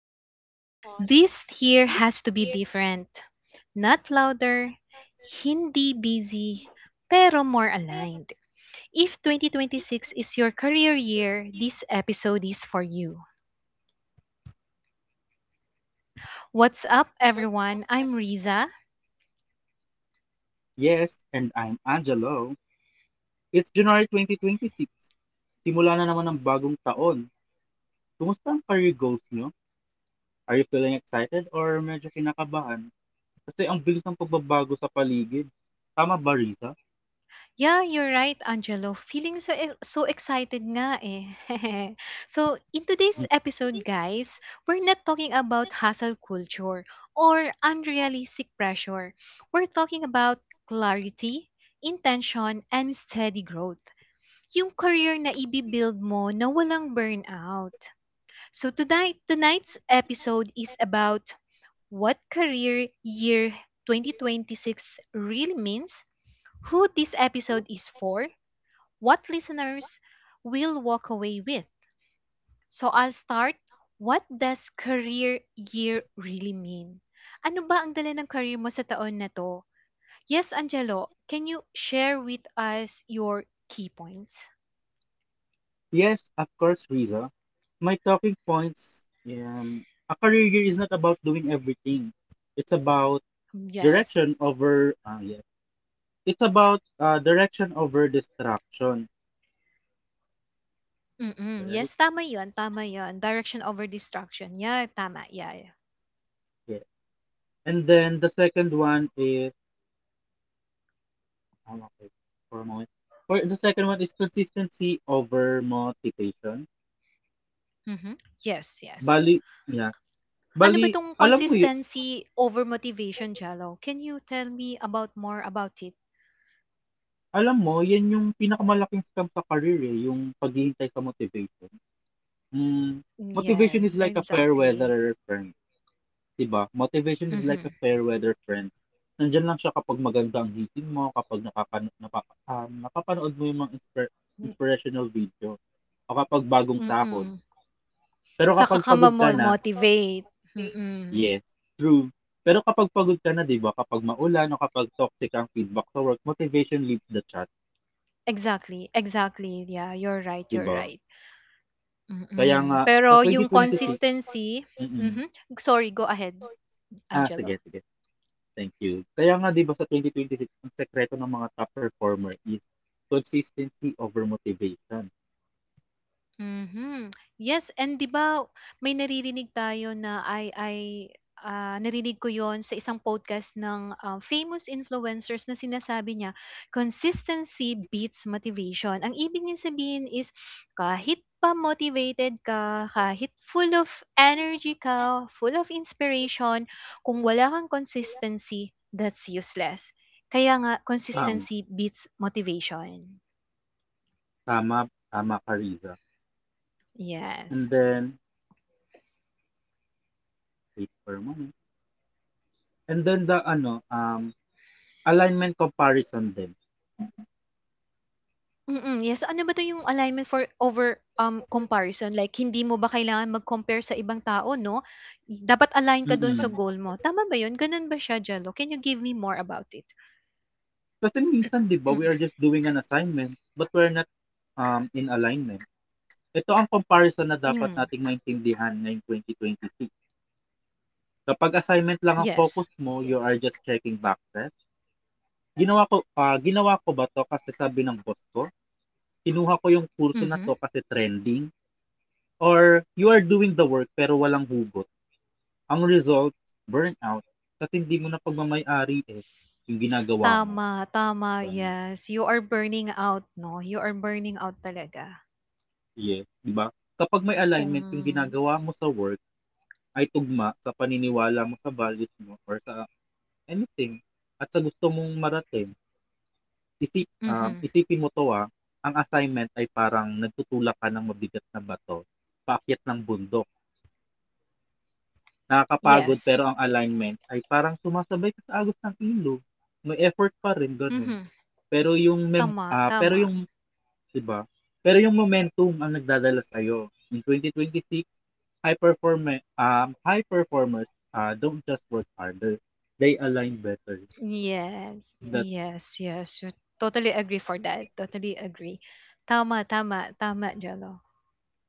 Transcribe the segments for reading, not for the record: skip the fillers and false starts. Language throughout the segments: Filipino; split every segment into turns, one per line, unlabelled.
thought, this year has to be different? Not louder, hindi busy, pero more aligned. If 2026 is your career year, this episode is for you. What's up, everyone? I'm Riza.
Yes, and I'm Angelo. It's January 2026. Simula na naman ang bagong taon. Kumusta ang career goals nyo? Are you feeling excited or medyo kinakabahan? Kasi ang bilis ng pagbabago sa paligid. Tama ba, Riza?
Yeah, you're right, Angelo. Feeling so excited nga eh. So, in today's
Mm.
episode, guys, we're not talking about hustle culture or unrealistic pressure. We're talking about clarity, intention, and steady growth. Yung career na ibibuild mo na walang burnout. So, tonight's episode is about what career year 2026 really means, who this episode is for, what listeners will walk away with. So I'll start. What does career year really mean? Ano ba ang dala ng career mo sa taon na to? Yes, Angelo, can you share with us your key points?
Yes, of course, Riza. My talking points, a career year is not about doing everything. It's about
Yes.
direction over, yes. It's about direction over distraction.
Mm-mm.
Right?
Yes, tama yun. Tama yun. Direction over distraction. Yeah, tama. Yeah, yeah.
And then the second one is oh, okay, for a moment. For the second one is consistency over motivation.
Mm-hmm. Yes, yes.
Bali, yeah.
Ano
Bali,
ba tong consistency over motivation, Jello? Can you tell me about more about it?
alam mo, yan yung pinakamalaking scam sa career eh, yung paghihintay sa motivation. Mm, motivation is
Yes,
like a fair weather
exactly.
friend, 'di ba? Motivation is like a
Mhm,
fair weather friend. Nandiyan lang siya kapag maganda ang gising mo, kapag napapanood mo yung mga
mm.
inspirational video, o kapag bagong sahod.
Mm-mm.
Pero
Saka
kapag
ka
pagod ka na,
motivate, mm.
yes, true. Pero kapag pagod ka na, 'di ba? Kapag maulan o kapag toxic ang feedback sa work, motivation leaves the chat,
Exactly, exactly, yeah, you're right,
'di
you're
ba?
right.
Kaya nga
Mm,
sa
pero yung
2026.
consistency
Mm.
mhm, sorry, go ahead,
Sige,
Angelo.
sige. Thank you. Kaya nga 'di ba sa 2026, ang sekreto ng mga top performer is consistency over motivation.
Mhm. Yes, and 'di ba may naririnig tayo na ay ah, narinig ko 'yon sa isang podcast ng famous influencers na sinasabi niya, consistency beats motivation. Ang ibig niya sabihin is kahit pa motivated ka, kahit full of energy ka, full of inspiration, kung wala kang consistency, that's useless. Kaya nga
Kaya tama, nga.
consistency beats motivation.
Tama, tama ka, Riza.
Yes.
And then, wait for a moment. And then the ano, alignment comparison din.
Mm, yes. So ano ba 'to yung alignment for over, comparison? Like hindi mo ba kailangan mag-compare sa ibang tao 'no? Dapat align ka
Dapat.
dun sa
Mm-mm.
goal mo. Tama ba yun? Ganun ba siya, Jello? Can you give me more about it?
Kasi minsan 'di ba, we are just doing an assignment, but we're not in alignment. Ito ang comparison na dapat
Hmm,
nating maintindihan ngayong 2026. Kapag assignment lang ang focus
yes.
mo, you are just checking boxes. Ginawa ko ba 'to kasi sabi ng boss ko? Kinuha ko yung kurso na 'to
Mhm.
kasi trending or you are doing the work pero walang hugot. Ang result, burnout kasi hindi mo na pagmamay-ari eh yung ginagawa mo.
Tama, tama,
Ganun.
yes. You are burning out 'no? You are burning out talaga
Yes, 'di ba? Kapag may alignment yung
kung
ginagawa mo sa work ay tugma sa paniniwala mo sa values mo or sa anything at sa gusto mong marating,
mhm,
isipin mo 'to, ang assignment ay parang nagtutulak ka ng mabigat na bato paakyat ng bundok. Nakakapagod
yes.
pero ang alignment ay parang sumasabay ka sa agos ng ilog. May effort pa rin gano'n,
Mhm,
pero yung
tama,
pero
tama.
yung 'di ba? Pero yung momentum ang nagdadala sa'yo. In 2026 high perform high performers don't just work harder, they align better.
Yes,
That.
yes, yes. Totally agree for that. Totally agree. Tama, tama, tama, Jello.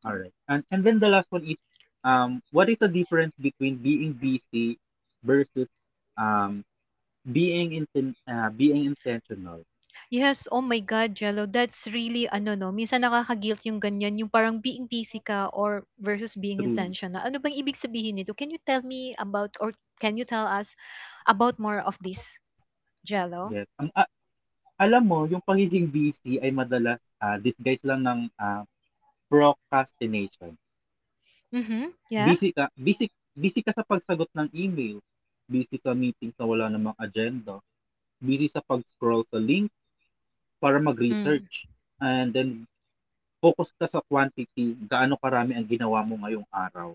All right, and then the last one is what is the difference between being busy versus um being inten being intentional?
Yes, oh my God, Jello, that's really ano no, minsan nakaka-guilt yung ganyan, yung parang being busy ka or versus being
True.
intentional. Ano bang ibig sabihin nito? Can you tell me about or can you tell us about more of this, Jello?
Yes. Alam mo, yung pagiging busy ay madalas disguise lang ng procrastination.
Mhm. Yeah.
Busy busy ka sa pagsagot ng email, busy sa meetings na wala namang agenda, busy sa pag-scroll sa link para
Mm.
mag-research. And then, focus ka sa quantity, gaano karami ang ginawa mo ngayong araw.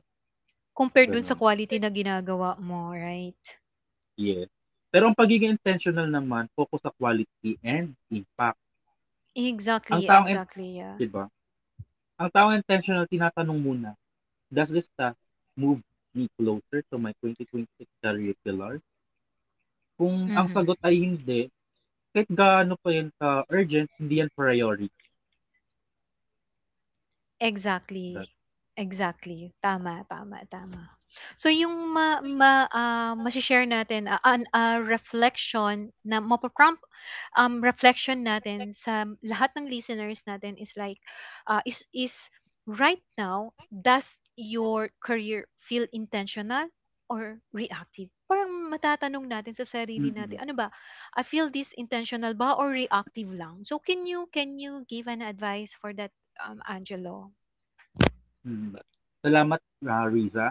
Compared dun sa
Ganon.
quality na ginagawa mo, right?
Yes. Pero ang pagiging intentional naman, focus sa quality and impact. Ang
Exactly,
taong, in-
exactly, yeah.
Di ba? Ang taong intentional, tinatanong muna, does this task move me closer to my 2026 career pillars? Kung ang
Mhm.
sagot ay hindi, kahit gaano pa yan ka-urgent, hindi yan priority. That.
Exactly. Exactly. Tama, tama, tama. So yung ma, ma ah, mashi-share natin ah, reflection na mapaprompt reflection natin sa lahat ng listeners natin is like ah, is right now does your career feel intentional or reactive? Parang matatanong natin sa sarili
Mm-hmm.
natin, ano ba? I feel this intentional ba or reactive lang? So can you give an advice for that Angelo?
Mm. Salamat, Riza.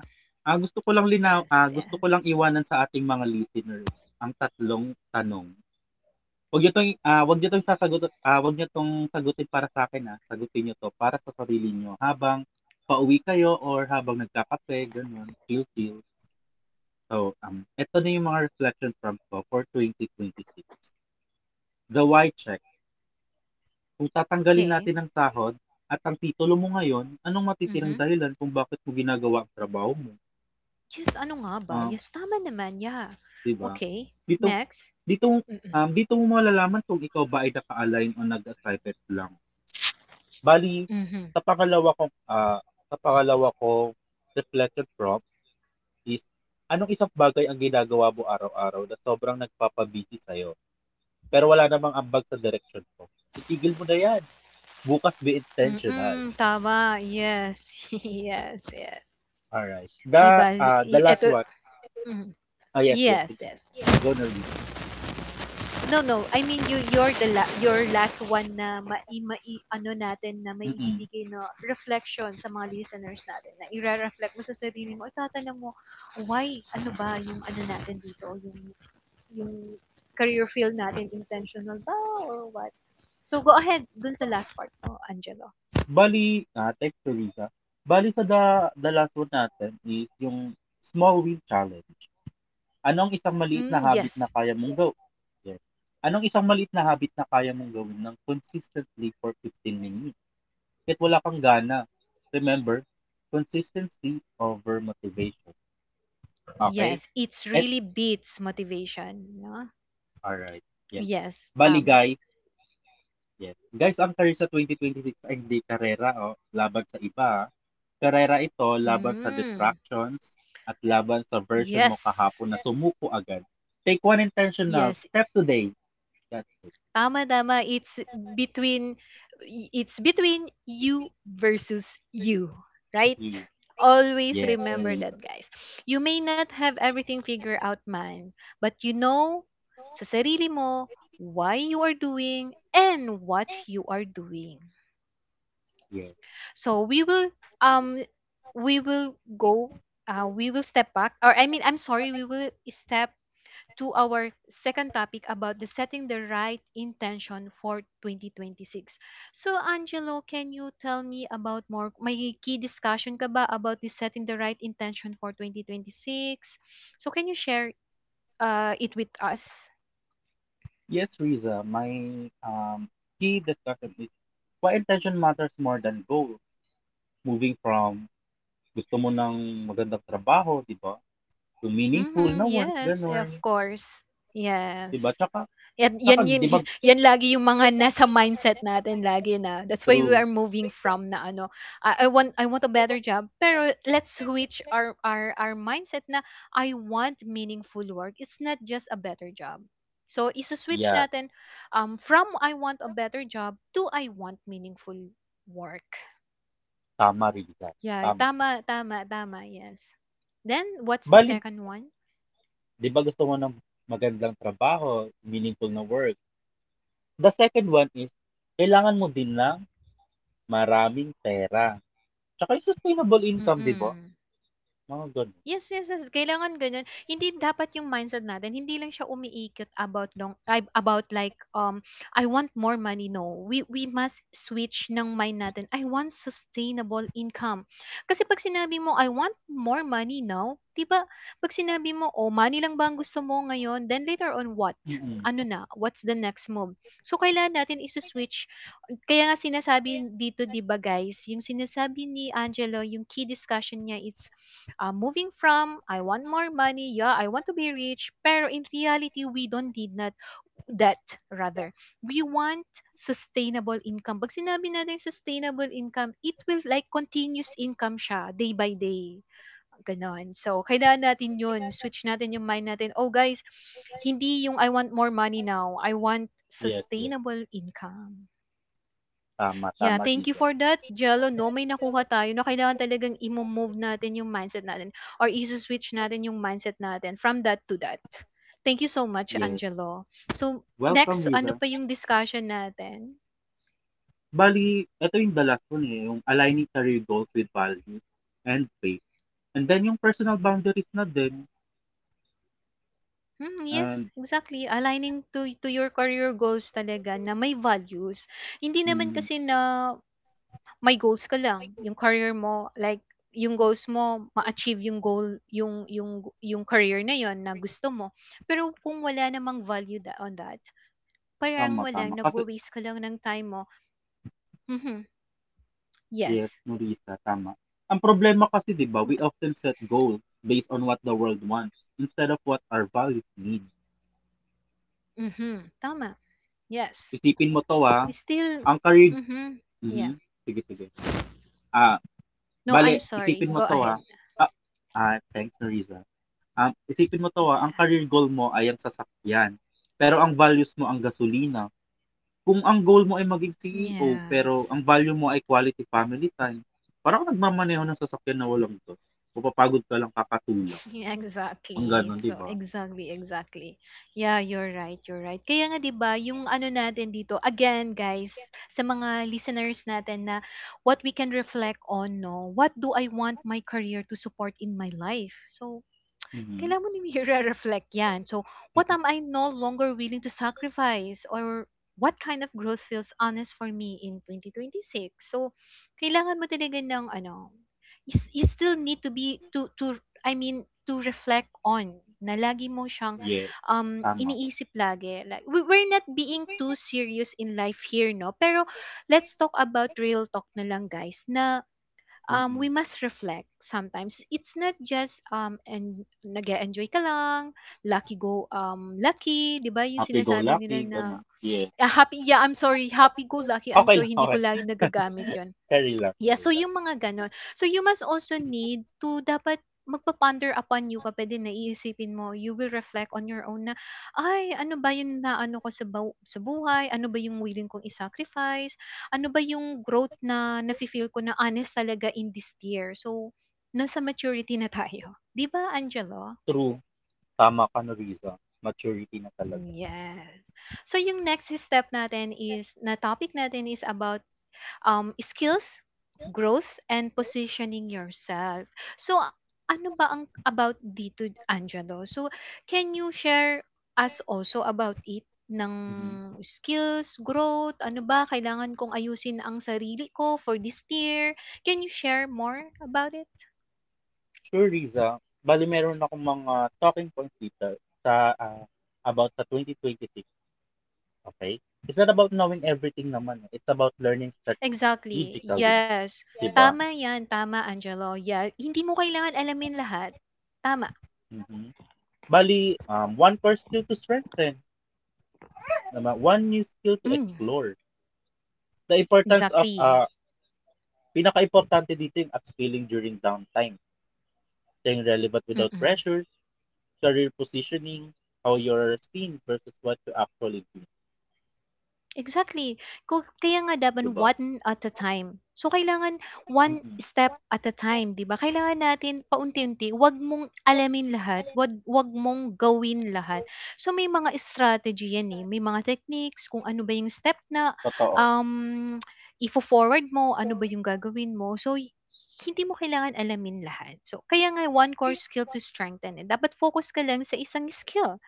Gusto ko lang
Yes,
gusto ko
yes.
lang iwanan sa ating mga listeners ang tatlong tanong. Huwag niyo 'tong, huwag niyo 'tong sasagutin huwag niyo 'tong sagutin para sa akin sagutin niyo 'to para sa sarili niyo habang pauwi kayo or habang nagkakape, gano'n, chill-chill. So, eto na yung mga reflection from ko for 2026. The why check. Kung tatanggalin
Okay.
natin ang sahod at ang titulo mo ngayon, anong matitirang
Mhm.
dahilan kung bakit mo ginagawa ang trabaho mo?
Yes, ano nga ba?
Ah,
Yes, tama naman, yeah.
'Di ba?
Okay,
Dito
next.
dito,
Mm-mm,
um, Dito mo malalaman kung ikaw ba ay naka-align o nag-excited lang. Bali
mhm.
sa pangalawa kong, ah, sa pangalawa kong reflection prompt is, anong isang bagay ang ginagawa mo araw-araw na sobrang nagpapabisi busy sa'yo, pero wala namang ambag sa direction ko. Itigil mo na 'yan, bukas be intentional.
Mm-mm, tama. Yes, yes, yes.
Alright,
'Di ba?
the last
Ito,
one.
mm,
Yes, yes,
yes, yes.
go Norisa.
No, no. I mean, you're the your last one na mai, mai, ano natin na may
Mm.
ibibigay na reflection sa mga listeners natin. Na i-reflect mo sa sarili mo. Itatanong mo, why, ano ba yung ano natin dito? Yung career field natin intentional ba or what? So go ahead dun sa last part mo, Angelo.
Bali thanks Teresa. Bali sa da the last one natin is yung small win challenge. Anong isang maliit na
Mm,
habit na
yes.
kaya mong gawin? Yes. Anong isang maliit na habit na kaya mong gawin ng consistently for 15 minutes? Kahit wala kang gana. Remember, consistency over motivation. Okay.
Yes, it's
At
really beats motivation, no?
alright, yes.
Yes,
Bali
tama.
guys. Yes. Guys, ang career sa 2026 ay hindi karera o laban sa iba. Karera ito laban sa
Mm,
distractions at laban sa version mo
yes.
kahapon na sumuko agad. Take one intentional
Yes,
step today. That's
Tama, tama. It's between it's between you versus you, right?
you.
Always
Yes,
remember
Riza.
that, guys. You may not have everything figured out, man, but you know sa sarili mo why you are doing and what you are doing.
Yes.
So we will um we will go we will step back or I mean I'm sorry we will step to our second topic about the setting the right intention for 2026. So, Angelo, can you tell me about more, may key discussion ka ba about the setting the right intention for 2026? So, can you share it with us?
Yes, Riza. My um, key discussion is why intention matters more than goal. Moving from gusto mo ng magandang trabaho, di ba? To meaningful na
Mm-hmm,
work,
yes, of
ganun.
course.
Di ba?
Yes.
Tsaka,
Yan
tsaka,
yan yun
di ba,
yan lagi yung mga nasa mindset natin lagi na that's why we
true.
are moving from na ano, I want a better job, pero let's switch our mindset na I want meaningful work. It's not just a better job. So, isu-switch
Yeah.
natin from I want a better job to I want meaningful work.
Tama, Riza.
Yeah,
Tama.
tama, tama, tama, yes. Then, what's the
Bali,
second one?
di ba gusto mo ng magandang trabaho, meaningful na work? The second one is, kailangan mo din ng maraming pera. Tsaka yung sustainable income, di ba?
Mm-mm.
Mga ganun.
Yes, yes, yes, kailangan gano'n. Hindi dapat yung mindset natin, hindi lang siya umiikot about long ay, about like, "I want more money." No, we must switch ng mind natin, "I want sustainable income." Kasi 'pag sinabi mo, "I want more money now," 'di ba, 'pag sinabi mo, "Oh, money lang ba ang gusto mo ngayon?" Then later on, what? Ano
Mm.
na, what's the next move? So, kailangan natin isuswitch. Kaya nga sinasabi dito, 'di ba, guys, yung sinasabi ni Angelo, yung key discussion niya is moving from I want more money, yeah, I want to be rich, pero in reality, we don't need not that rather. We want sustainable income. Pag sinabi natin sustainable income, it will like continuous income siya day by day. Ganon. So, kailangan natin yun. Switch natin yung mind natin. Oh, guys, hindi yung I want more money now. I want
Yes, yes.
sustainable income.
Tama,
Yeah,
tama,
thank you
Riza.
for that, Jello, 'no? May nakuha tayo na kailangan talagang i-mo-move natin yung mindset natin or iso-switch natin yung mindset natin from that to that. Thank you so much,
Yes.
Angelo. So,
Welcome,
next, ano
Riza.
pa yung discussion natin?
Bali, ito yung the last one eh, yung aligning career goals with values and faith. And then yung personal boundaries na din.
Hmm, yes,
And,
exactly. Aligning to your career goals talaga na may values. Hindi naman
mm,
kasi na may goals ka lang, yung career mo like yung goals mo ma-achieve yung goal yung career na yon na gusto mo. Pero kung wala namang value tha on that, parang
tama,
wala
tama. Kasi.
nagwa-waste ka lang ng time mo. Mhm, yes.
Yes, Norisa, tama. Ang problema kasi, di ba,
Mm,
we
at
often set goals based on what the world wants instead of what our values need.
mhm, tama, yes.
Isipin mo to,
We still
ang career...
mhm, yeah.
Mhm. Sige, sige. Ah,
No, I'm
Bale,
sorry,
isipin mo
go
to,
ahead.
Ah, thanks, Norisa. Isipin mo to,
Yeah,
ang career goal mo ay ang sasakyan. Pero ang values mo ang gasolina. Kung ang goal mo ay maging CEO, pero
yes.
ang value mo ay quality family time, parang nagmamaneho ng sasakyan na walang to. Mapapagod ka lang kakatulog. Ang
Exactly.
gano'n, 'di
So,
ba?
exactly, exactly. Yeah, you're right, you're right. Kaya nga 'di ba, yung ano natin dito, again, guys, sa mga listeners natin na what we can reflect on, no? What do I want my career to support in my life? So,
Mhm.
kailangan mo ring i-reflect yan. So, what am I no longer willing to sacrifice or what kind of growth feels honest for me in 2026? So, kailangan mo talaga ng ano, you still need to be to I mean to reflect on na lagi mo siyang
Yes, tama.
iniisip lagi. Like we're not being too serious in life here, no? Pero let's talk about real talk na lang, guys, na
Mm.
we must reflect sometimes. It's not just and nag-enjoy ka lang, lucky, 'di ba? Yung sinasabi
Happy-go-lucky,
nila na
gano'n. Yes.
ah, happy yeah, I'm sorry, happy go lucky. I'm
Okay lang,
sorry, hindi ko
okay.
lagi nagagamit 'yon.
Carry lang,
Yeah,
carry
so
lang.
yung mga gano'n. So you must also need to dapat magpa-ponder upon you ka pa din na iisipin mo. You will reflect on your own na, ay, ano ba yung na ano ko sa, sa buhay? Ano ba yung willing kong isacrifice. Ano ba yung growth na nafe-feel ko na honest talaga in this year? So, nasa maturity na tayo. Di ba, Angelo?
True, tama ka na Riza, maturity na
Mm,
talaga.
yes. So, yung next step natin is, na topic natin is about skills, growth, and positioning yourself. So, ano ba ang about dito, Angelo? So, can you share us also about it? Ng
Mhm.
skills, growth, ano ba, kailangan kong ayusin ang sarili ko for this year. Can you share more about it?
Sure Riza, bali meron akong mga talking points dito sa, ah, about sa 2026, okay. It's not about knowing everything naman, eh, it's about learning
Exactly.
strategically,
Yes.
'di ba?
Tama yan. Tama, Angelo. Yeah. Hindi mo kailangan alamin lahat. Tama.
Mhm. Bale, one core skill to strengthen, tama, one new skill to
Mm.
explore. The importance of
Exactly.
pinaka-importante dito yung upskilling during downtime. Staying relevant without
Mm-mm.
pressure, career positioning, how you're seen versus what you actually do.
Exactly. Ko kaya nga dapat
Diba?
one at a time. So, kailangan one
Mm-mm.
step at a time, 'di ba? Kailangan natin paunti-unti. Huwag mong alamin lahat. Huwag mong gawin lahat. So, may mga strategy yan eh. May mga techniques, kung ano ba yung step na
Totoo.
um, ifo-forward mo, ano ba yung gagawin mo. So, hindi mo kailangan alamin lahat. So, kaya nga, one core skill to strengthen it. Dapat focus ka lang sa isang skill.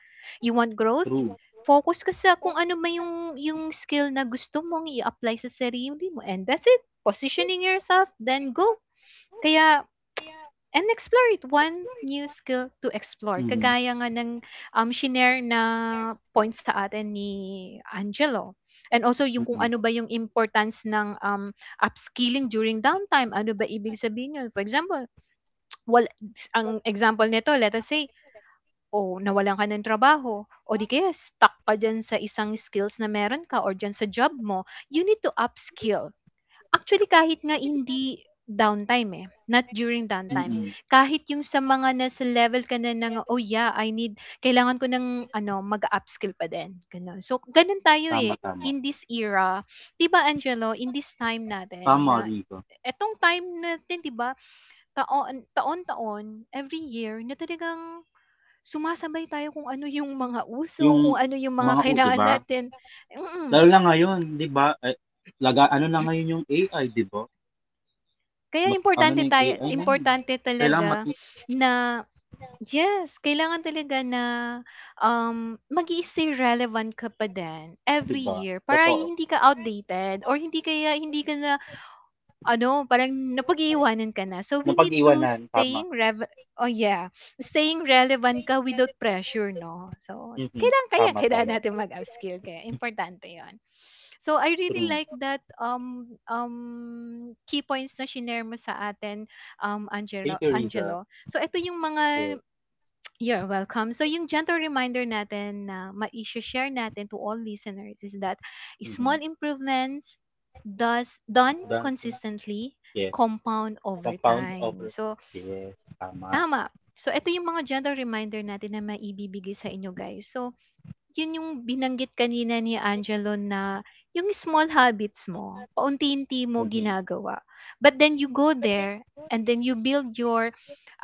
You want growth?
True.
Focus ka sa kung ano man yung skill na gusto mong i-apply sa sarili mo and that's it. Positioning yourself, then go. Kaya and explore it. One new skill to explore.
Mm-mm.
Kagaya nga ng shinare na point sa atin ni Angelo. And also yung kung
Mm-mm.
ano ba yung importance ng upskilling during downtime. Ano ba ibig sabihin yun? For example, well, ang example nito, let us say, o nawalan ka ng trabaho o di kaya stuck ka diyan sa isang skills na meron ka or diyan sa job mo, you need to upskill. Actually, kahit nga hindi downtime eh, not during downtime.
Mm-mm.
Kahit yung sa mga nasa level ka na ng, oh yeah, I need, kailangan ko ng ano, mag-upskill pa din. Ganun. So, ganun tayo
Tama,
eh
tama.
in this era. 'Di ba Angelo, in this time natin na
Tama, Rico.
etong time natin, 'di ba? Taon taon-taon every year na talagang sumasabay tayo kung ano yung mga uso,
Yung
kung ano yung mga
mga, di
kailangan
ba?
natin, mm.
Lalo na ngayon, di ba? Eh, laga, ano na ngayon yung AI, di ba?
Kaya
Mas ano
importante
na yung
tayo
AI ngayon.
importante
Kailangan
talaga
mati,
na yes, kailangan talaga na, mag stay relevant ka pa din
di
every
ba?
year para
Totoo.
hindi ka outdated or hindi kaya hindi ka na ano, parang napag-iiwanan ka na. So, we need to
Napag-iwanan, tama.
staying rev oh, yeah, staying relevant ka without pressure 'no. So,
Mhm.
kailangan kaya
Tama,
kailangan
tama.
natin mag-upskill kaya importante 'yon. So I really
Through
like that um um key points na shinare mo sa atin Angelo
Takeriza,
Angelo. So ito yung
yes,
mga you're welcome. So yung gentle reminder natin na ma-share natin to all listeners is that small
mhm,
improvements does done
Danton,
consistently
yes,
compound over
compound
time.
over,
So
yes, tama,
tama. So ito yung mga gentle reminder natin na maibibigay sa inyo guys. So 'yun yung binanggit kanina ni Angelo na yung small habits mo, paunti-unti mo
mhm,
ginagawa. But then you go there and then you build your,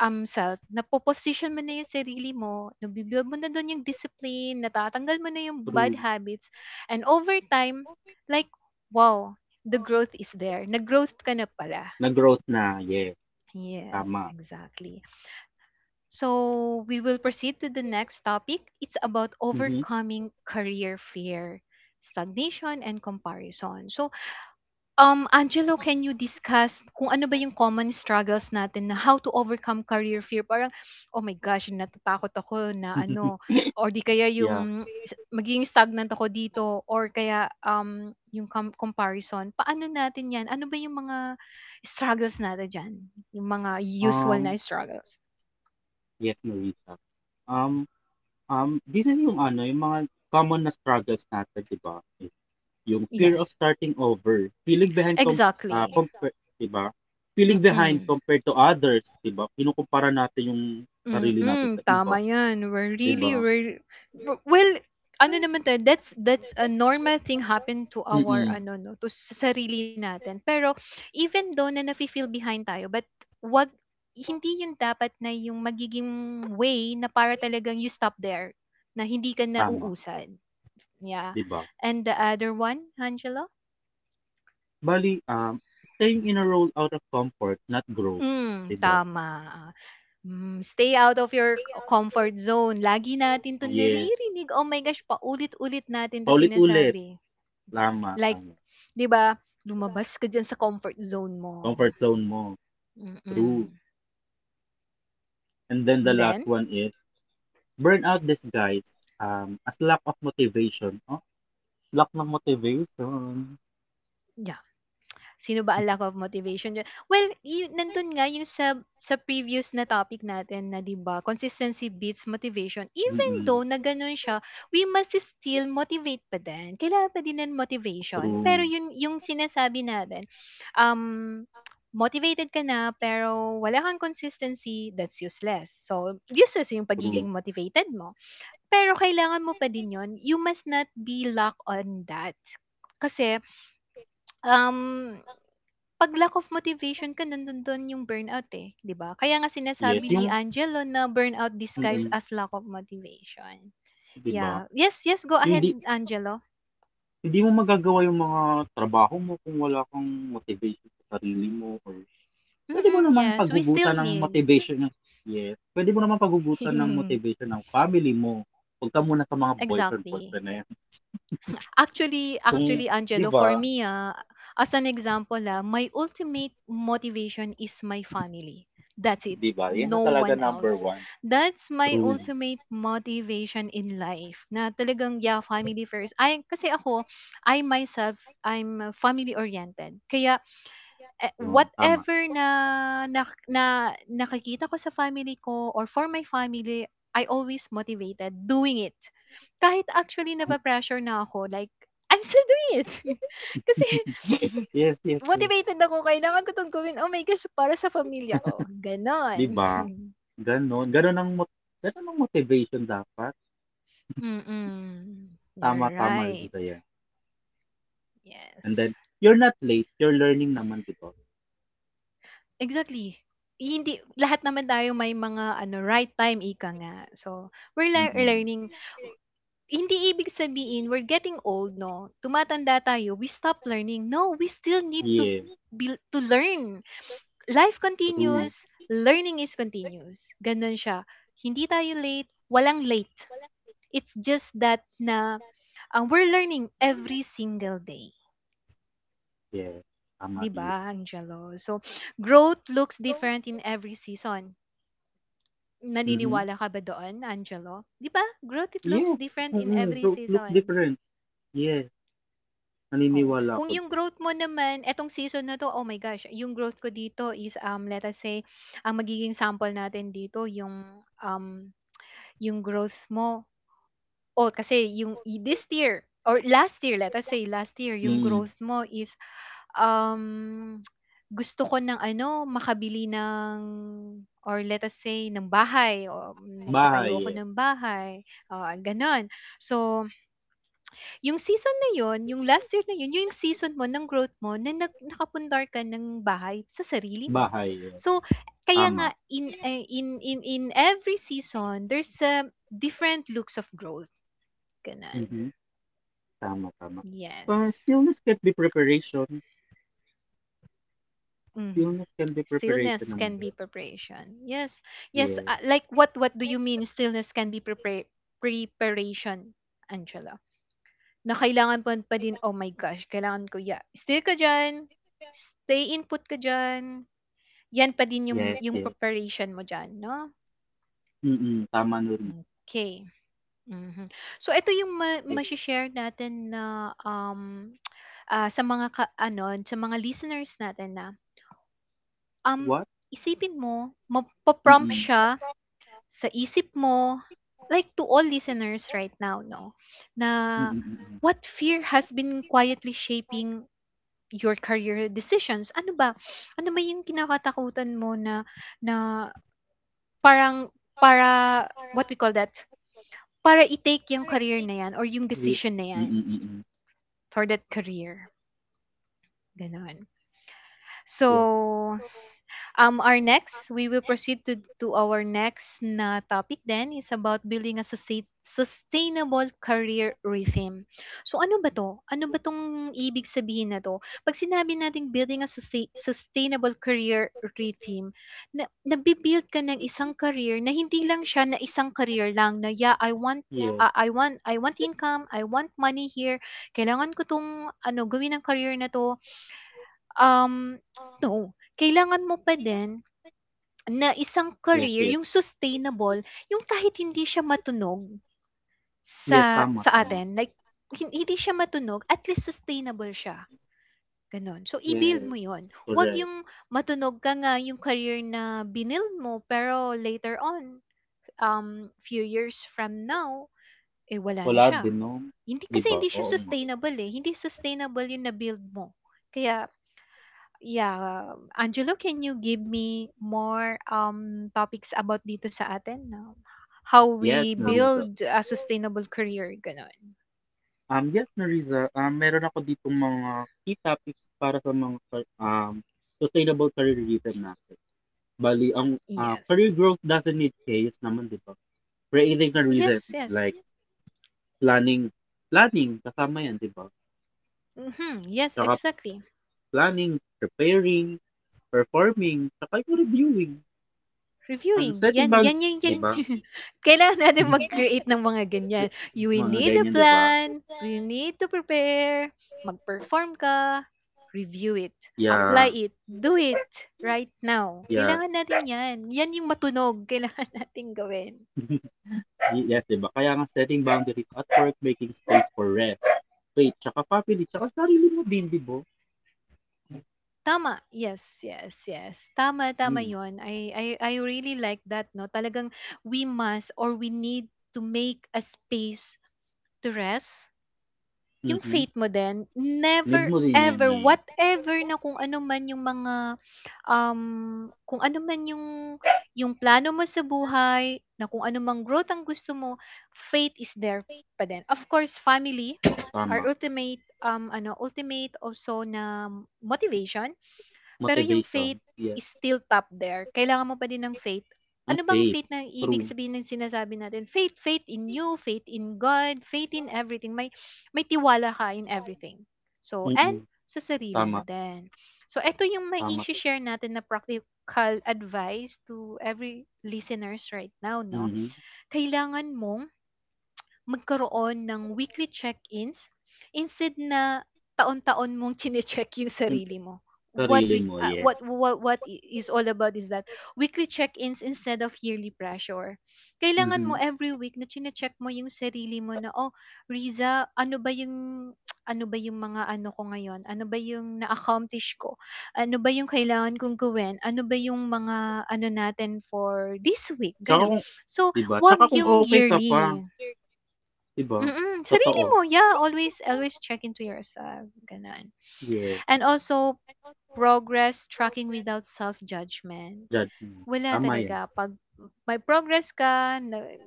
self. Napo-posisyon mo na yung sarili mo, nabi-build mo na dun yung discipline, natatanggal mo na yung bad
through,
habits, and over time, like, wow, the growth is there. Nag-growth ka na pala.
nag-growth na, yes,
Yes,
tama,
exactly. So we will proceed to the next topic. It's about
mhm.
overcoming career fear, stagnation, and comparison. So, Angelo, can you discuss kung ano ba yung common struggles natin na how to overcome career fear? Parang, oh my gosh, natatakot ako na ano, or di kaya
Yeah,
yung magiging stagnant ako dito, or kaya yung comparison. Paano natin yan? Ano ba yung mga struggles natin dyan? Yung mga usual na
um,
struggles?
yes, Marisa, um, um, this is yung ano, yung mga common na struggles natin, di ba, is yung fear of
Yes.
starting over, feeling behind,
Exactly.
di ba, feeling behind
Mm-mm.
compared to others, di ba, kinukumpara natin yung sarili natin
Mm-mm.
sa iba,
Tama yan. We're
di
really,
ba.
we're, w- well, ano naman tayo, that's, that's a normal thing happen to our,
Mm.
ano, no, to sa sarili natin. Pero, even though na nafe-feel behind tayo, but, wag, hindi yun dapat na yung magiging way na para talagang you stop there, na hindi ka na
Tama,
uusan. Yeah.
'di ba?
And the other one, Angela?
Bali, staying in a role out of comfort, not growth,
Mm,
'di ba?
tama. Hmm, stay out of your comfort zone. Lagi natin 'to
Yes.
naririnig. Oh my gosh, paulit-ulit natin 'to
Paulit-ulit.
sinasabi.
Tama,
Like,
tama.
'di ba, lumabas ka diyan sa comfort zone mo.
Comfort zone mo. True.
Mm.
And then the
And
last
then?
one is burnout disguise as lack of motivation. Oh, lack ng motivation.
Yeah. Sino ba ang lack of motivation diyan? Well, yu nandun nga yung sa previous na topic natin na 'di ba, consistency beats motivation. Even
Mm-mm.
though na gano'n siya, we must still motivate pa din. Kailangan pa din ng motivation. Pero
True.
yun yung sinasabi natin, um, motivated ka na pero wala kang consistency, that's useless. So, useless yung
True.
pagiging motivated mo. Pero kailangan mo pa din yon. You must not be locked on that. Kasi, um 'pag lack of motivation ka nandoon yung burnout, eh, 'di ba? Kaya nga
Yes,
sinasabi ni
yung,
Angelo na burnout disguised
mm-mm.
as lack of motivation.
'Di ba?
Yeah. Yes, yes, go
Yung
ahead
di,
Angelo.
Hindi mo magagawa yung mga trabaho mo kung wala kang motivation sa sarili mo or puwede mo
Mm,
namang
yes, we still
paghugutan ng
need.
motivation ng yes, puwede mo namang paghugutan ng motivation ng family mo. Huwag ka muna sa mga boyfriend,
Exactly.
boyfriend na yan.
Actually
Kung
actually
'di
Angelo,
ba,
for me, ah, as an example, ah, my ultimate motivation is my family. That's it.
'di ba, yan na
No
talaga
one
number
else.
one.
That's my
True,
ultimate motivation in life. Na talagang, yeah, family first. I, kasi ako, I myself, I'm family-oriented. Kaya eh,
yun, tama.
whatever na nakikita ko sa family ko or for my family, I always motivated doing it. Kahit actually nape-pressure na ako, like, I'm still doing it. Kasi
Yes, yes, yes,
motivated ako, kailangan ko 'tong gawin. Oh my gosh, para sa pamilya ko, gano'n.
'di ba? Gano'n, gano'n ang mot Gano'n ang motivation dapat.
Mm.
Tama,
You're
tama,
right.
Regisa, yan. And
Yes.
then, you're not late, you're learning naman, 'di ba?
Exactly. Hindi lahat naman tayo may mga ano, right time, ika nga. So, we're
Mm,
learning. Hindi ibig sabihin we're getting old 'no, tumatanda tayo, we stop learning. No, we still need to
yes,
be to learn. Life
true,
continues, learning is continuous, gano'n siya. Hindi tayo late, walang late. It's just that na, ah, we're learning every single day,
yes, tama,
'di
yes.
ba, Angelo? So, growth looks different in every season.
Mm. Mhm,
Naniniwala ka ba doon, Angelo? 'Di ba, growth it looks
yes,
different in
mm,
every
look look
season.
different. Yes,
Oo.
naniniwala ako
Kung yung
dun.
growth mo naman etong season na 'to, oh my gosh, yung growth ko dito is, let us say, ang magiging sample natin dito yung, yung growth mo oh, kasi yung i this year or last year, let us say last year, yung
Mm.
growth mo is, um, gusto ko ng ano, makabili ng or let us say ng bahay o
Bahay,
magpatayo ako
yes.
ng bahay, oo, gano'n. So yung season na yun, yung last year na yun, yung season mo ng growth mo na nakapundar ka ng bahay sa sarili mo.
Bahay, yes.
So, kaya nga
Tama.
in eh, in every season, there's different looks of growth. Ganun.
Mhm. Tama, tama.
Yes.
Stillness can be preparation.
Mhm.
Stillness can be preparation
Stillness
naman.
can be preparation. Yes. Yes, ah,
Yes.
like what do you mean stillness can be preparation, Angela? Na kailangan pa din, "Oh my gosh, kailangan ko ya still ka diyan, stay put ka diyan." 'Yan pa din
Yes,
yung
yes.
preparation mo diyan 'no?
Mm-mm. Tama na.
Okey, mhm. So ito yung
Yes.
mashi-share natin na, ah, sa mga ka ano, sa mga listeners natin na, um,
What?
isipin mo mapo-prompt
Mm-mm.
siya sa isip mo, like to all listeners right now 'no, na,
Mm-mm. Mm-mm.
"What fear has been quietly shaping your career decisions. Ano ba? Ano ba yung kinakatakutan mo na na parang para what we call that? Para i-take yung career na yan or yung
Ye-.
decision na yan
Mm-mm. Mm-mm.
for that career. Ganon.
Yes.
So, our next, we will proceed to our next na topic then is about building a sustainable career rhythm. So ano ba to? Ano ba tong ibig sabihin na to? Pag sinabi nating building a sustainable career rhythm, na, nabibuild ka ng isang career na hindi lang siya na isang career lang na yeah, I want
Yes.
I want income, I want money here. Kailangan ko tong ano gawin ng career na to. Um no, kailangan mo pa din na isang
Yes,
career
yes.
yung sustainable, yung kahit hindi siya matunog
Yes,
sa
tama,
sa
tama.
atin, like hindi siya matunog at least sustainable siya, gano'n. So i-build
Yes.
mo yon 'wag
Correct.
yung matunog ka nga yung career na binuild mo pero later on, few years from now, eh, wala na
Wala
siya.
din, no?
Hindi
Di
kasi
ba?
hindi siya
Oo nga.
sustainable, eh, hindi sustainable yung na-build mo. Kaya yeah, Angelo, can you give me more topics about dito sa atin? How
Yes,
we
Marisa.
build a sustainable career, ganon.
Yes, Nariza, meron ako ditong mga key topics para sa mga car- sustainable careerism natin. Bali,
Yes.
career growth doesn't need chaos naman, di ba? Creating a reason,
Yes, yes.
like planning, planning, kasama yan, di ba?
Mm-hmm. Yes,
Tsaka
exactly.
planning, preparing, performing, tsaka yung reviewing,
Reviewing,
setting
yan
bound,
yan yan
di
yan.
ba?
Kailangan natin mag-create ng mga ganyan. You will
Mga
need a
ganyan, di ba?
plan, we need to prepare, mag-perform ka, review it,
Yeah,
apply it, do it right now.
yeah.
Kailangan natin yan. Yan yung matunog kailangan nating gawin.
Yes, di ba? Kaya nga setting boundaries at work, making space for rest, faith, tsaka family, tsaka sarili mo din, di ba?
Tama. Yes, yes, yes. Tama, tama
Mm.
yon. I really like that, no? Talagang we must or we need to make a space to rest. Yung
Mhm.
faith mo din,
Need
never
mo din yan
ever,
eh.
whatever na kung ano man yung mga, kung ano man yung plano mo sa buhay, na kung ano mang growth ang gusto mo, faith is there pa din. Of course, family, our
Tama.
ultimate, ano, ultimate also na motivation pero yung faith
Motivation. Yes.
is still top there, kailangan mo pa din ng faith.
Ang
Ano bang
faith.
faith na ibig
True.
sabihin ng sinasabi natin? Faith, faith in you, faith in God, faith in everything. May tiwala ka in everything. So,
Mm.
and sa sarili
Tama.
mo din. So, eto yung
Tama.
mai-share natin na practical advice to every listeners right now, no?
Mhm.
Kailangan mong magkaroon ng weekly check-ins instead na taon-taon mong chine-check yung
Yung
sarili mo. What
sarili
we
mo,
ah,
yes.
what what what is all about is that weekly check-ins instead of yearly pressure. Kailangan mo
Mhm.
every week na chine-check mo yung sarili mo na oh, Riza, ano ba yung ano ba yung mga ano ko ngayon? Ano ba yung na-accomplish ko? Ano ba yung kailangan kong gawin? Ano ba yung mga ano natin for this week?
Tsaka
Ganun.
kung,
So,
di ba?
wag
Tsaka kung
yung
okay ka pa,
yearly.
di ba?
Mm, sarili
Totoo.
mo, yeah, always always check into yourself, gano'n.
Yes.
And also, progress tracking without self-judgment.
Judge mo.
Wala
Tama yan.
talaga, 'pag may progress ka, na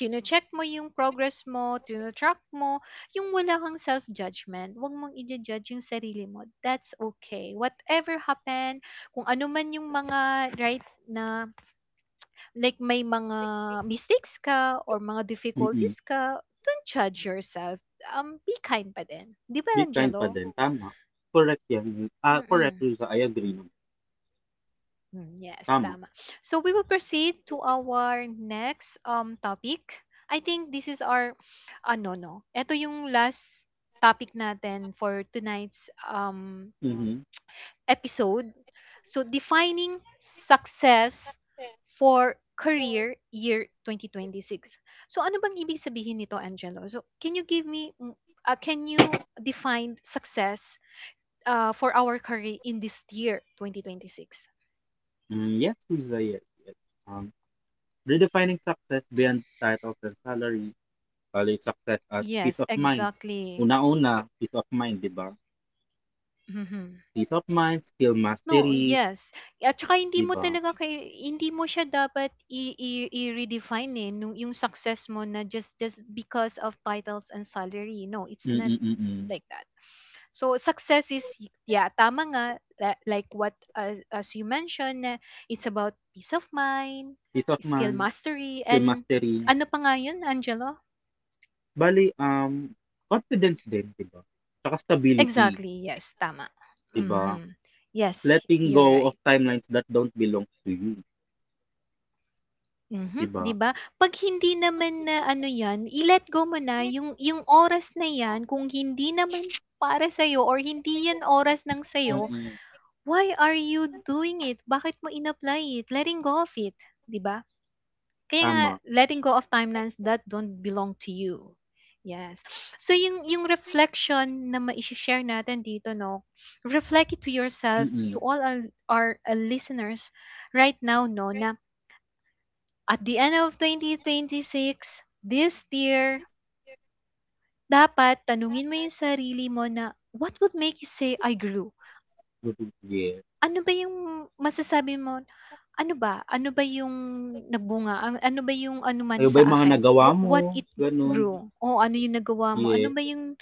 chine-check mo yung progress mo, tino-track mo, yung wala kang self-judgment, 'wag mong ija-judge yung sarili mo, that's okay. Whatever happened, kung ano man yung mga right na like may mga mistakes ka or mga
Mm.
difficulties ka, don't judge yourself, be kind pa din. 'Di
Be
ba,
kind pa
Angelo?
din. Tama. Correct yan. Correct,
Mm,
Ruza. I agree naman.
mm yes,
Tama.
tama. So we will proceed to our next, topic. I think this is our ano 'no, eto yung last topic natin for tonight's,
Mhm.
episode. So, defining success for career year 2026. So, ano bang ibig sabihin nito, Angelo? So, can you give me, mm, can you define success for our career in this year, 2026?
Mm, yes, Riza, yes, yes. Um, Redefining success beyond titles and salary, value success as peace
Yes,
of mind.
exactly.
Una-una, peace of mind, di ba?
Mhm.
Peace of mind, skill
No,
mastery,
yes. At saka hindi
di
mo
ba?
talaga kay hindi mo siya dapat i-redefine eh, yung success mo na just because of titles and salary. No, it's not
Mm-mm-mm.
like that. So success is yeah, tama nga like what as you mentioned na it's about peace of mind,
Peace of
skill
mind,
mastery,
skill
and
mastery.
ano pa nga yun, Angelo?
Bali, confidence din, di ba? Tsaka stability,
Exactly. Yes, tama.
di ba?
Mhm. Yes,
Letting go
you're
of
right.
timelines that don't belong to you, di
Mhm,
ba?
'di ba? 'Pag hindi naman na ano 'yan, i-let go mo na yung oras na 'yan kung hindi naman para sa'yo or hindi 'yan oras ng sa'yo,
Mm-mm.
why are you doing it? Bakit mo in-apply it? Letting go of it, 'di ba? Kaya nga
Tama.
letting go of timelines that don't belong to you. Yes. So yung reflection na mai-share natin dito no, reflect it to yourself,
Mm-mm.
to all our listeners right now no na at the end of 2026, this year, dapat tanungin mo yung sarili mo na, what would make you say I grew?
Yes.
Ano ba yung masasabi mo? Ano ba? Ano ba yung nagbunga? Ano ba yung anuman
Ano
sa
ba yung mga
akin?
nagawa mo?
What it
Ganun.
grew? O ano yung nagawa mo?
Yes,
Ano ba yung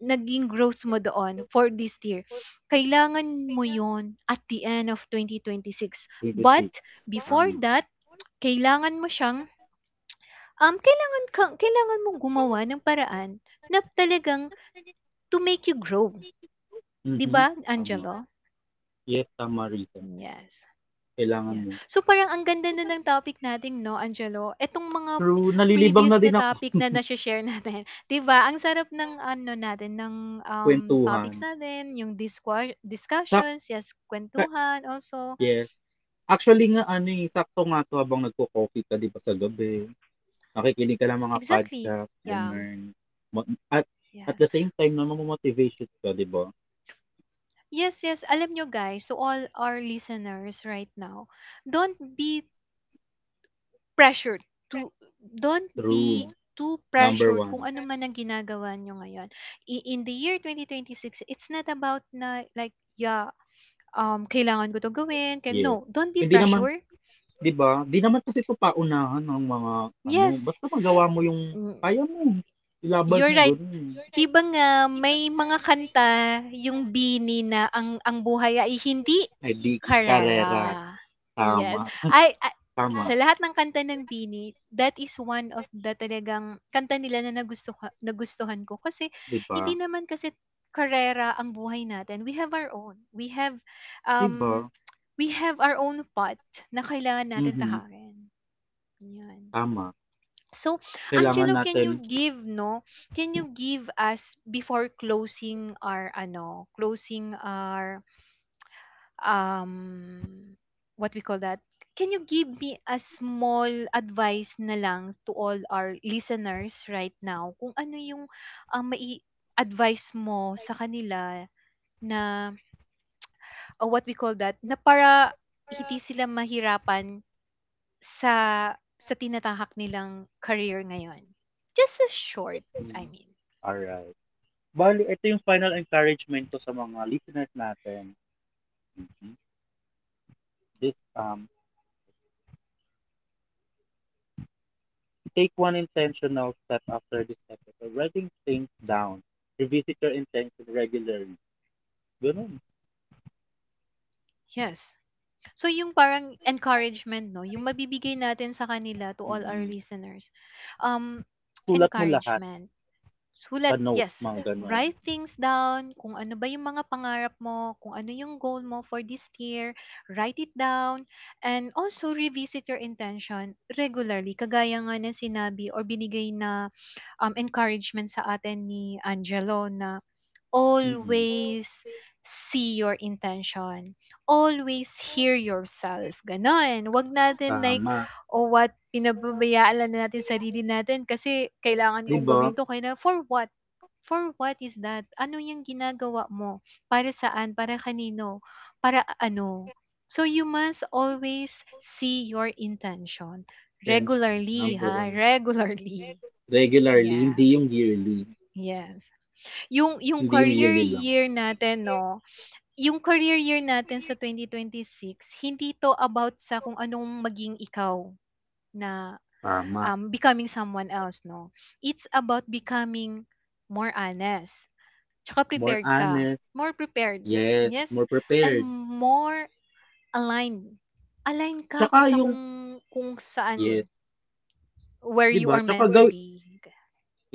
naging growth mo doon for this year? Kailangan mo yon at the end of 2026. But
26.
before
Tama.
that, kailangan mo siyang kailangan kang mong gumawa ng paraan na talagang to make you grow, 'di
Mhm.
ba,
Tama.
Angelo?
Yes, tama Risa.
Yes.
Kailangan
Yes.
mo.
So parang ang ganda na ng topic natin, no, Angelo? Etong mga
True, nalilibang na
previous na
din ako
topic na na-share natin, 'di ba? Ang sarap ng ano natin ng topics
kwentuhan.
natin, yung
Sakta,
discussions, yes, kwentuhan also.
yes. Actually nga ano eh, sakto nga to habang nagko-coffee ka 'di ba sa gabi. Nakikinig ka ng mga
Exactly.
podcast,
Yeah.
ganun. Ma- At at
Yes.
the same time na mamotivation ka, 'di ba?
Yes, yes. Alam nyo guys, to all our listeners right now, don't be pressured to don't
True.
be too
Number
pressured kung
one.
ano man ang ginagawa niyo ngayon. In the year 2026, it's not about na like, yeah, kailangan ko to gawin. Can,
Yes.
no, don't be
Hindi naman.
pressured.
'Di ba? 'Di naman kasi 'to paunahan ng mga ano,
Yes,
basta magawa mo yung
mm,
kaya mo, ilaban
you're
mo
right.
gano'n.
'Di ba nga may mga kanta yung BINI na ang buhay ay hindi
Edi
karera.
karera,
Yes,
tama,
ay a
tama,
sa lahat ng kanta ng BINI, that is one of the talagang kanta nila na nagustuhan ko kasi
'di
hindi
ba?
naman kasi karera ang buhay natin. We have our own. We have,
'Di
um,
ba?
we have our own path na kailangan natin
Mhm,
tahakin, 'yan.
tama.
So,
Kailangan
Angelo, can
natin
you give no? Can you give us before closing our ano, closing our um what we call that? Can you give me a small advice na lang to all our listeners right now kung ano yung um, mai advice mo sa kanila na what we call that na para hindi sila mahirapan sa sa tinatahak nilang career ngayon. Just a short, I
hmm,
mean.
alright. Bali ito yung final encouragement ko sa mga listeners natin, mhm, this, take one intentional step after this episode, writing things down, revisit your intention regularly, gano'n.
Yes. So yung parang encouragement 'no, yung mabibigay natin sa kanila to all our
Mm.
listeners, um,
Sulat mo lahat.
encouragement.
Sa
Sulat,
note,
yes.
mga ganon.
Write things down, kung ano ba yung mga pangarap mo, kung ano yung goal mo for this year, write it down, and also revisit your intention regularly, kagaya nga ng sinabi or binigay na encouragement sa atin ni Angelo na
Mm-mm.
always see your intention. Always hear yourself. Ganon. Wag natin like,
Tama.
oh what, pinababayaan lang na natin sarili natin kasi kailangan
Di
kong
ba?
gawin to. Kaya na, for what? For what is that? Ano yung ginagawa mo? Para saan? Para kanino? Para ano? So you must always see your intention
Attention.
regularly,
Number
ha?
one.
Regularly.
Regularly,
Yeah.
hindi yung yearly.
Yes. Yung
Hindi yung
career
yearly lang.
year natin 'no, yung career year natin sa 2026 hindi 'to about sa kung anong maging ikaw na,
Tama.
becoming someone else 'no. It's about becoming more honest, tsaka
More
prepared ka,
honest.
more prepared,
Yes.
yes,
More
and
prepared.
more aligned. Align ka kung
Tsaka
sa
yung
kung kung saan,
yes.
where
Di
you
ba?
are
Tsaka
meant to
gawin.
be.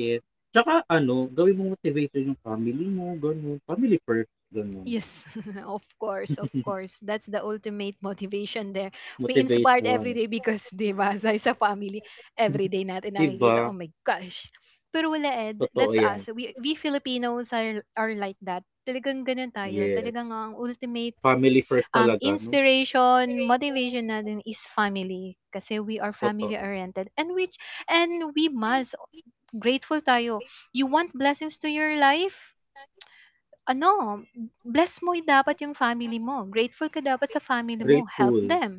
Yes. Tsaka ano, gawin mong motivation yung family mo. Ganon. Family first. Ganon.
Yes, of course, of course. That's the ultimate motivation there. We inspired every
Motivation.
day because, di ba, sa family, every day natin
Di
nakikita,
ba?
oh my gosh. Pero wala, Ed,
Totoo
that's
yan.
us. We Filipinos are like that. Talagang ganun tayo.
Yes.
Talagang ang ultimate
Family first talaga, no?
inspiration, motivation natin is family. Kasi we are
Totoo.
family-oriented. And which and we must, grateful tayo. You want blessings to your life? Ano, bless mo y dapat yung family mo. Grateful ka dapat sa family mo. Help
Grateful.
them.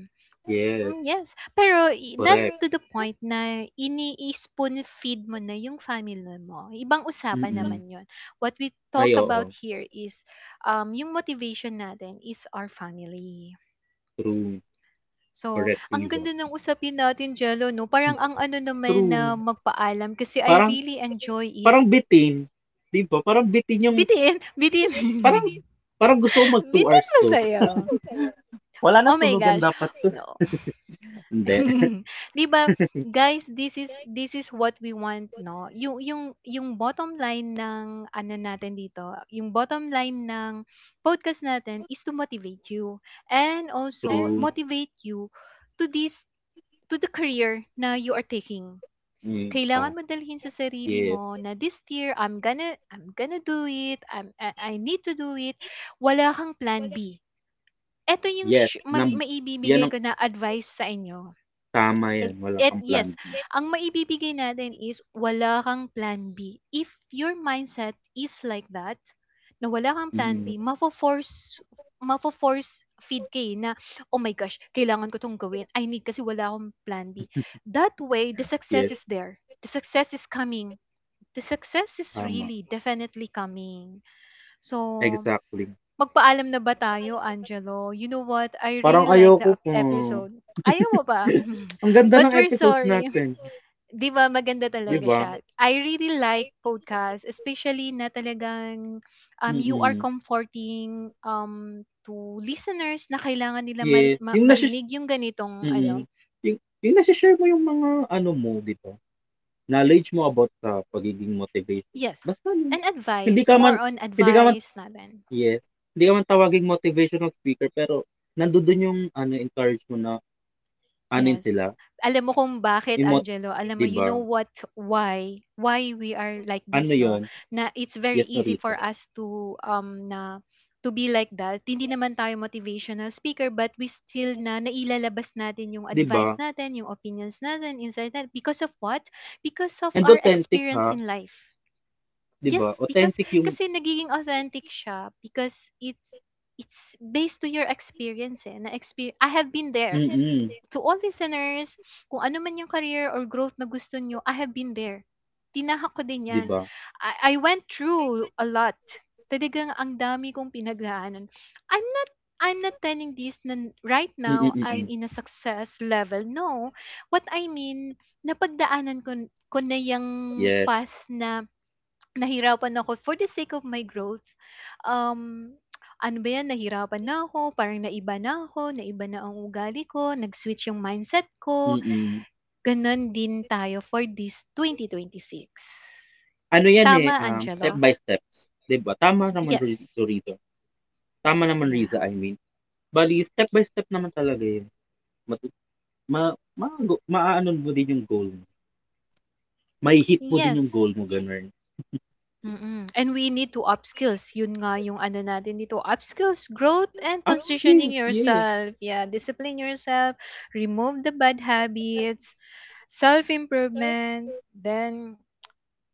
Yes.
Mm, yes. Pero not
Correct.
to the point na ini-spoon feed mo na yung family mo. Ibang usapan
Mm-mm.
naman yun. What we talk
Ay oo,
about here is yung motivation natin is our family.
true,
So,
correct
ang
reason.
ganda ng usapin natin, Jello, no?
Hmm.
Parang ang ano naman na
True.
magpaalam kasi I
Parang
really enjoy it.
parang bitin, 'di ba? Parang bitin yung
Bitin! Bitin!
parang parang gusto ko mag 2
Bitin
hours 'to.
masaya.
Wala na
Oh my
tulugan
gosh.
dapat 'to.
No,
Hindi,
'Di ba, guys, this is what we want, 'no? Yung bottom line ng ano natin dito, yung bottom line ng podcast natin is to motivate you and also
true.
motivate you to this to the career na you are taking.
Mm, pa
Kailangan mo dalhin sa sarili
yes,
mo na this year I'm gonna do it. I need to do it. Wala kang plan B. Ito yung
yes, nam yan
maibibigay
ang
ko na advice sa inyo.
tama yan,
Eg
wala
et
kang plan
Yes,
B.
ang maibibigay natin is wala kang plan B. If your mindset is like that, na wala kang plan
Mm,
B, mafo-force feed ka eh na, "Oh my gosh, kailangan ko 'tong gawin. I need kasi wala akong plan B." That way, the
yes,
success is there. The success is coming. The success is
tama,
really definitely coming. So,
exactly.
magpaalam na ba tayo, Angelo? You know what? I
Parang
really like the
ayoko po.
episode. Ayaw mo ba?
Ang ganda
But
ng
we're
episodes
sorry.
natin,
'Di ba maganda
'di
talaga
ba?
siya. I really like podcast, especially na talagang, you are
Mm,
comforting, to listeners na kailangan nila
yes, yung nasho.
marinig yung ganitong ano,
Mm. Yung yung nashi-share mo yung mga ano mo, 'di ba, knowledge mo about sa pagiging motivation.
yes,
Basta ano,
an
hindi
advice,
ka
more
man
on
hindi ka man
advice natin.
yes, hindi ka man tawaging motivational speaker pero nandodo'n yung ano, encourage mo na anin
Yes.
sila,
Alam mo kung bakit
emot
Angelo, alam
'di
mo, you
ba?
know what, why we are like
Ano
this, no?
yon.
Na it's very
Yes no
easy
risa
for us to, to be like that. Hindi naman tayo motivational speaker, but we still na nailalabas natin yung
'di ba?
advice natin, yung opinions natin, insight natin. Because of what? Because of
And
our
authentic
experience
ha,
in life.
'di ba?
Yes, because,
Authentic yung
kasi nagiging authentic siya because it's based to your experience eh. Na experience, I have been there
mm,
to all listeners, kung ano man yung career or growth na gusto nyo, I have been there. Tinahak ko din
'di
yan.
ba?
I went through a lot. Talagang ang dami kong pinagdaanan. I'm not I'm not telling this na right
Mm,
now I'm
mm.
in a success level. No. What I mean, napagdaanan ko na yung
Yes,
path na nahirapan ako for the sake of my growth. Um, Ano ba 'yan, nahirapan na ako, parang naiba na ako, naiba na ang ugali ko, nag-switch yung mindset ko.
mm.
Gano'n din tayo for this 2026.
Ano 'yan, eh,
Tama,
step
Angelo?
by steps, 'di ba? Tama naman
Yes.
Rito. Tama naman
Yeah.
Riza, I mean. Bale step by step naman talaga 'yun. Matu ma Maago maaano mo din 'yung goal mo, may hit mo din 'yung goal
Yes.
mo gano'n.
Mm, and we need to upskills. Yun nga yung ano natin dito, upskills, growth and
Up skills,
positioning
yes.
yourself. Yeah, discipline yourself, remove the bad habits, self-improvement, then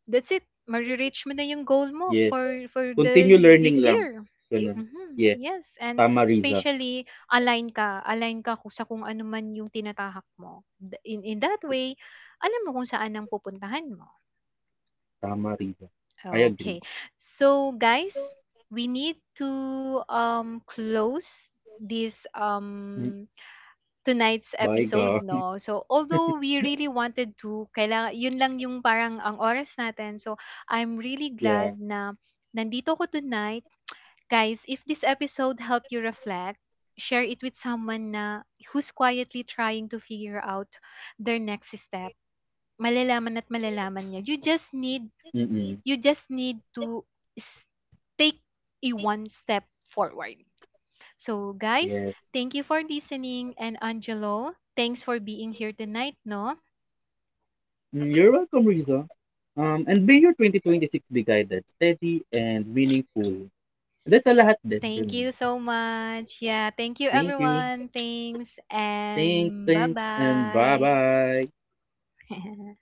that's it. Marireach mo na yung goal mo
Yes.
for the
Continue
this
learning lang,
year.
gano'n.
Mhm.
Yeah
Yes, and
tama Riza,
especially align ka kung sa ano man yung tinatahak mo. In that way, alam mo kung saan ang pupuntahan mo.
tama Riza. I agree.
Okay. So guys, we need to close this
Hmm,
tonight's
by God.
episode no. So although we really wanted to kailangan yun lang yung parang ang oras natin. So I'm really
Yeah.
glad na nandito ko tonight. Guys, if this episode helped you reflect, share it with someone na who's quietly trying to figure out their next step. Malalaman at malalaman niya.
Mm,
You just need to s- take a one step forward. So, guys,
yes.
thank you for listening. And Angelo, thanks for being here tonight. No,
Hmm, you're welcome Riza. And may your 2026 be guided, steady, and meaningful. That's sa lahat din,
thank
gano'n.
you so much. Yeah, thank you,
Thank you.
everyone. Thanks,
Thanks,
and bye
thanks, and bye
bye.
bye.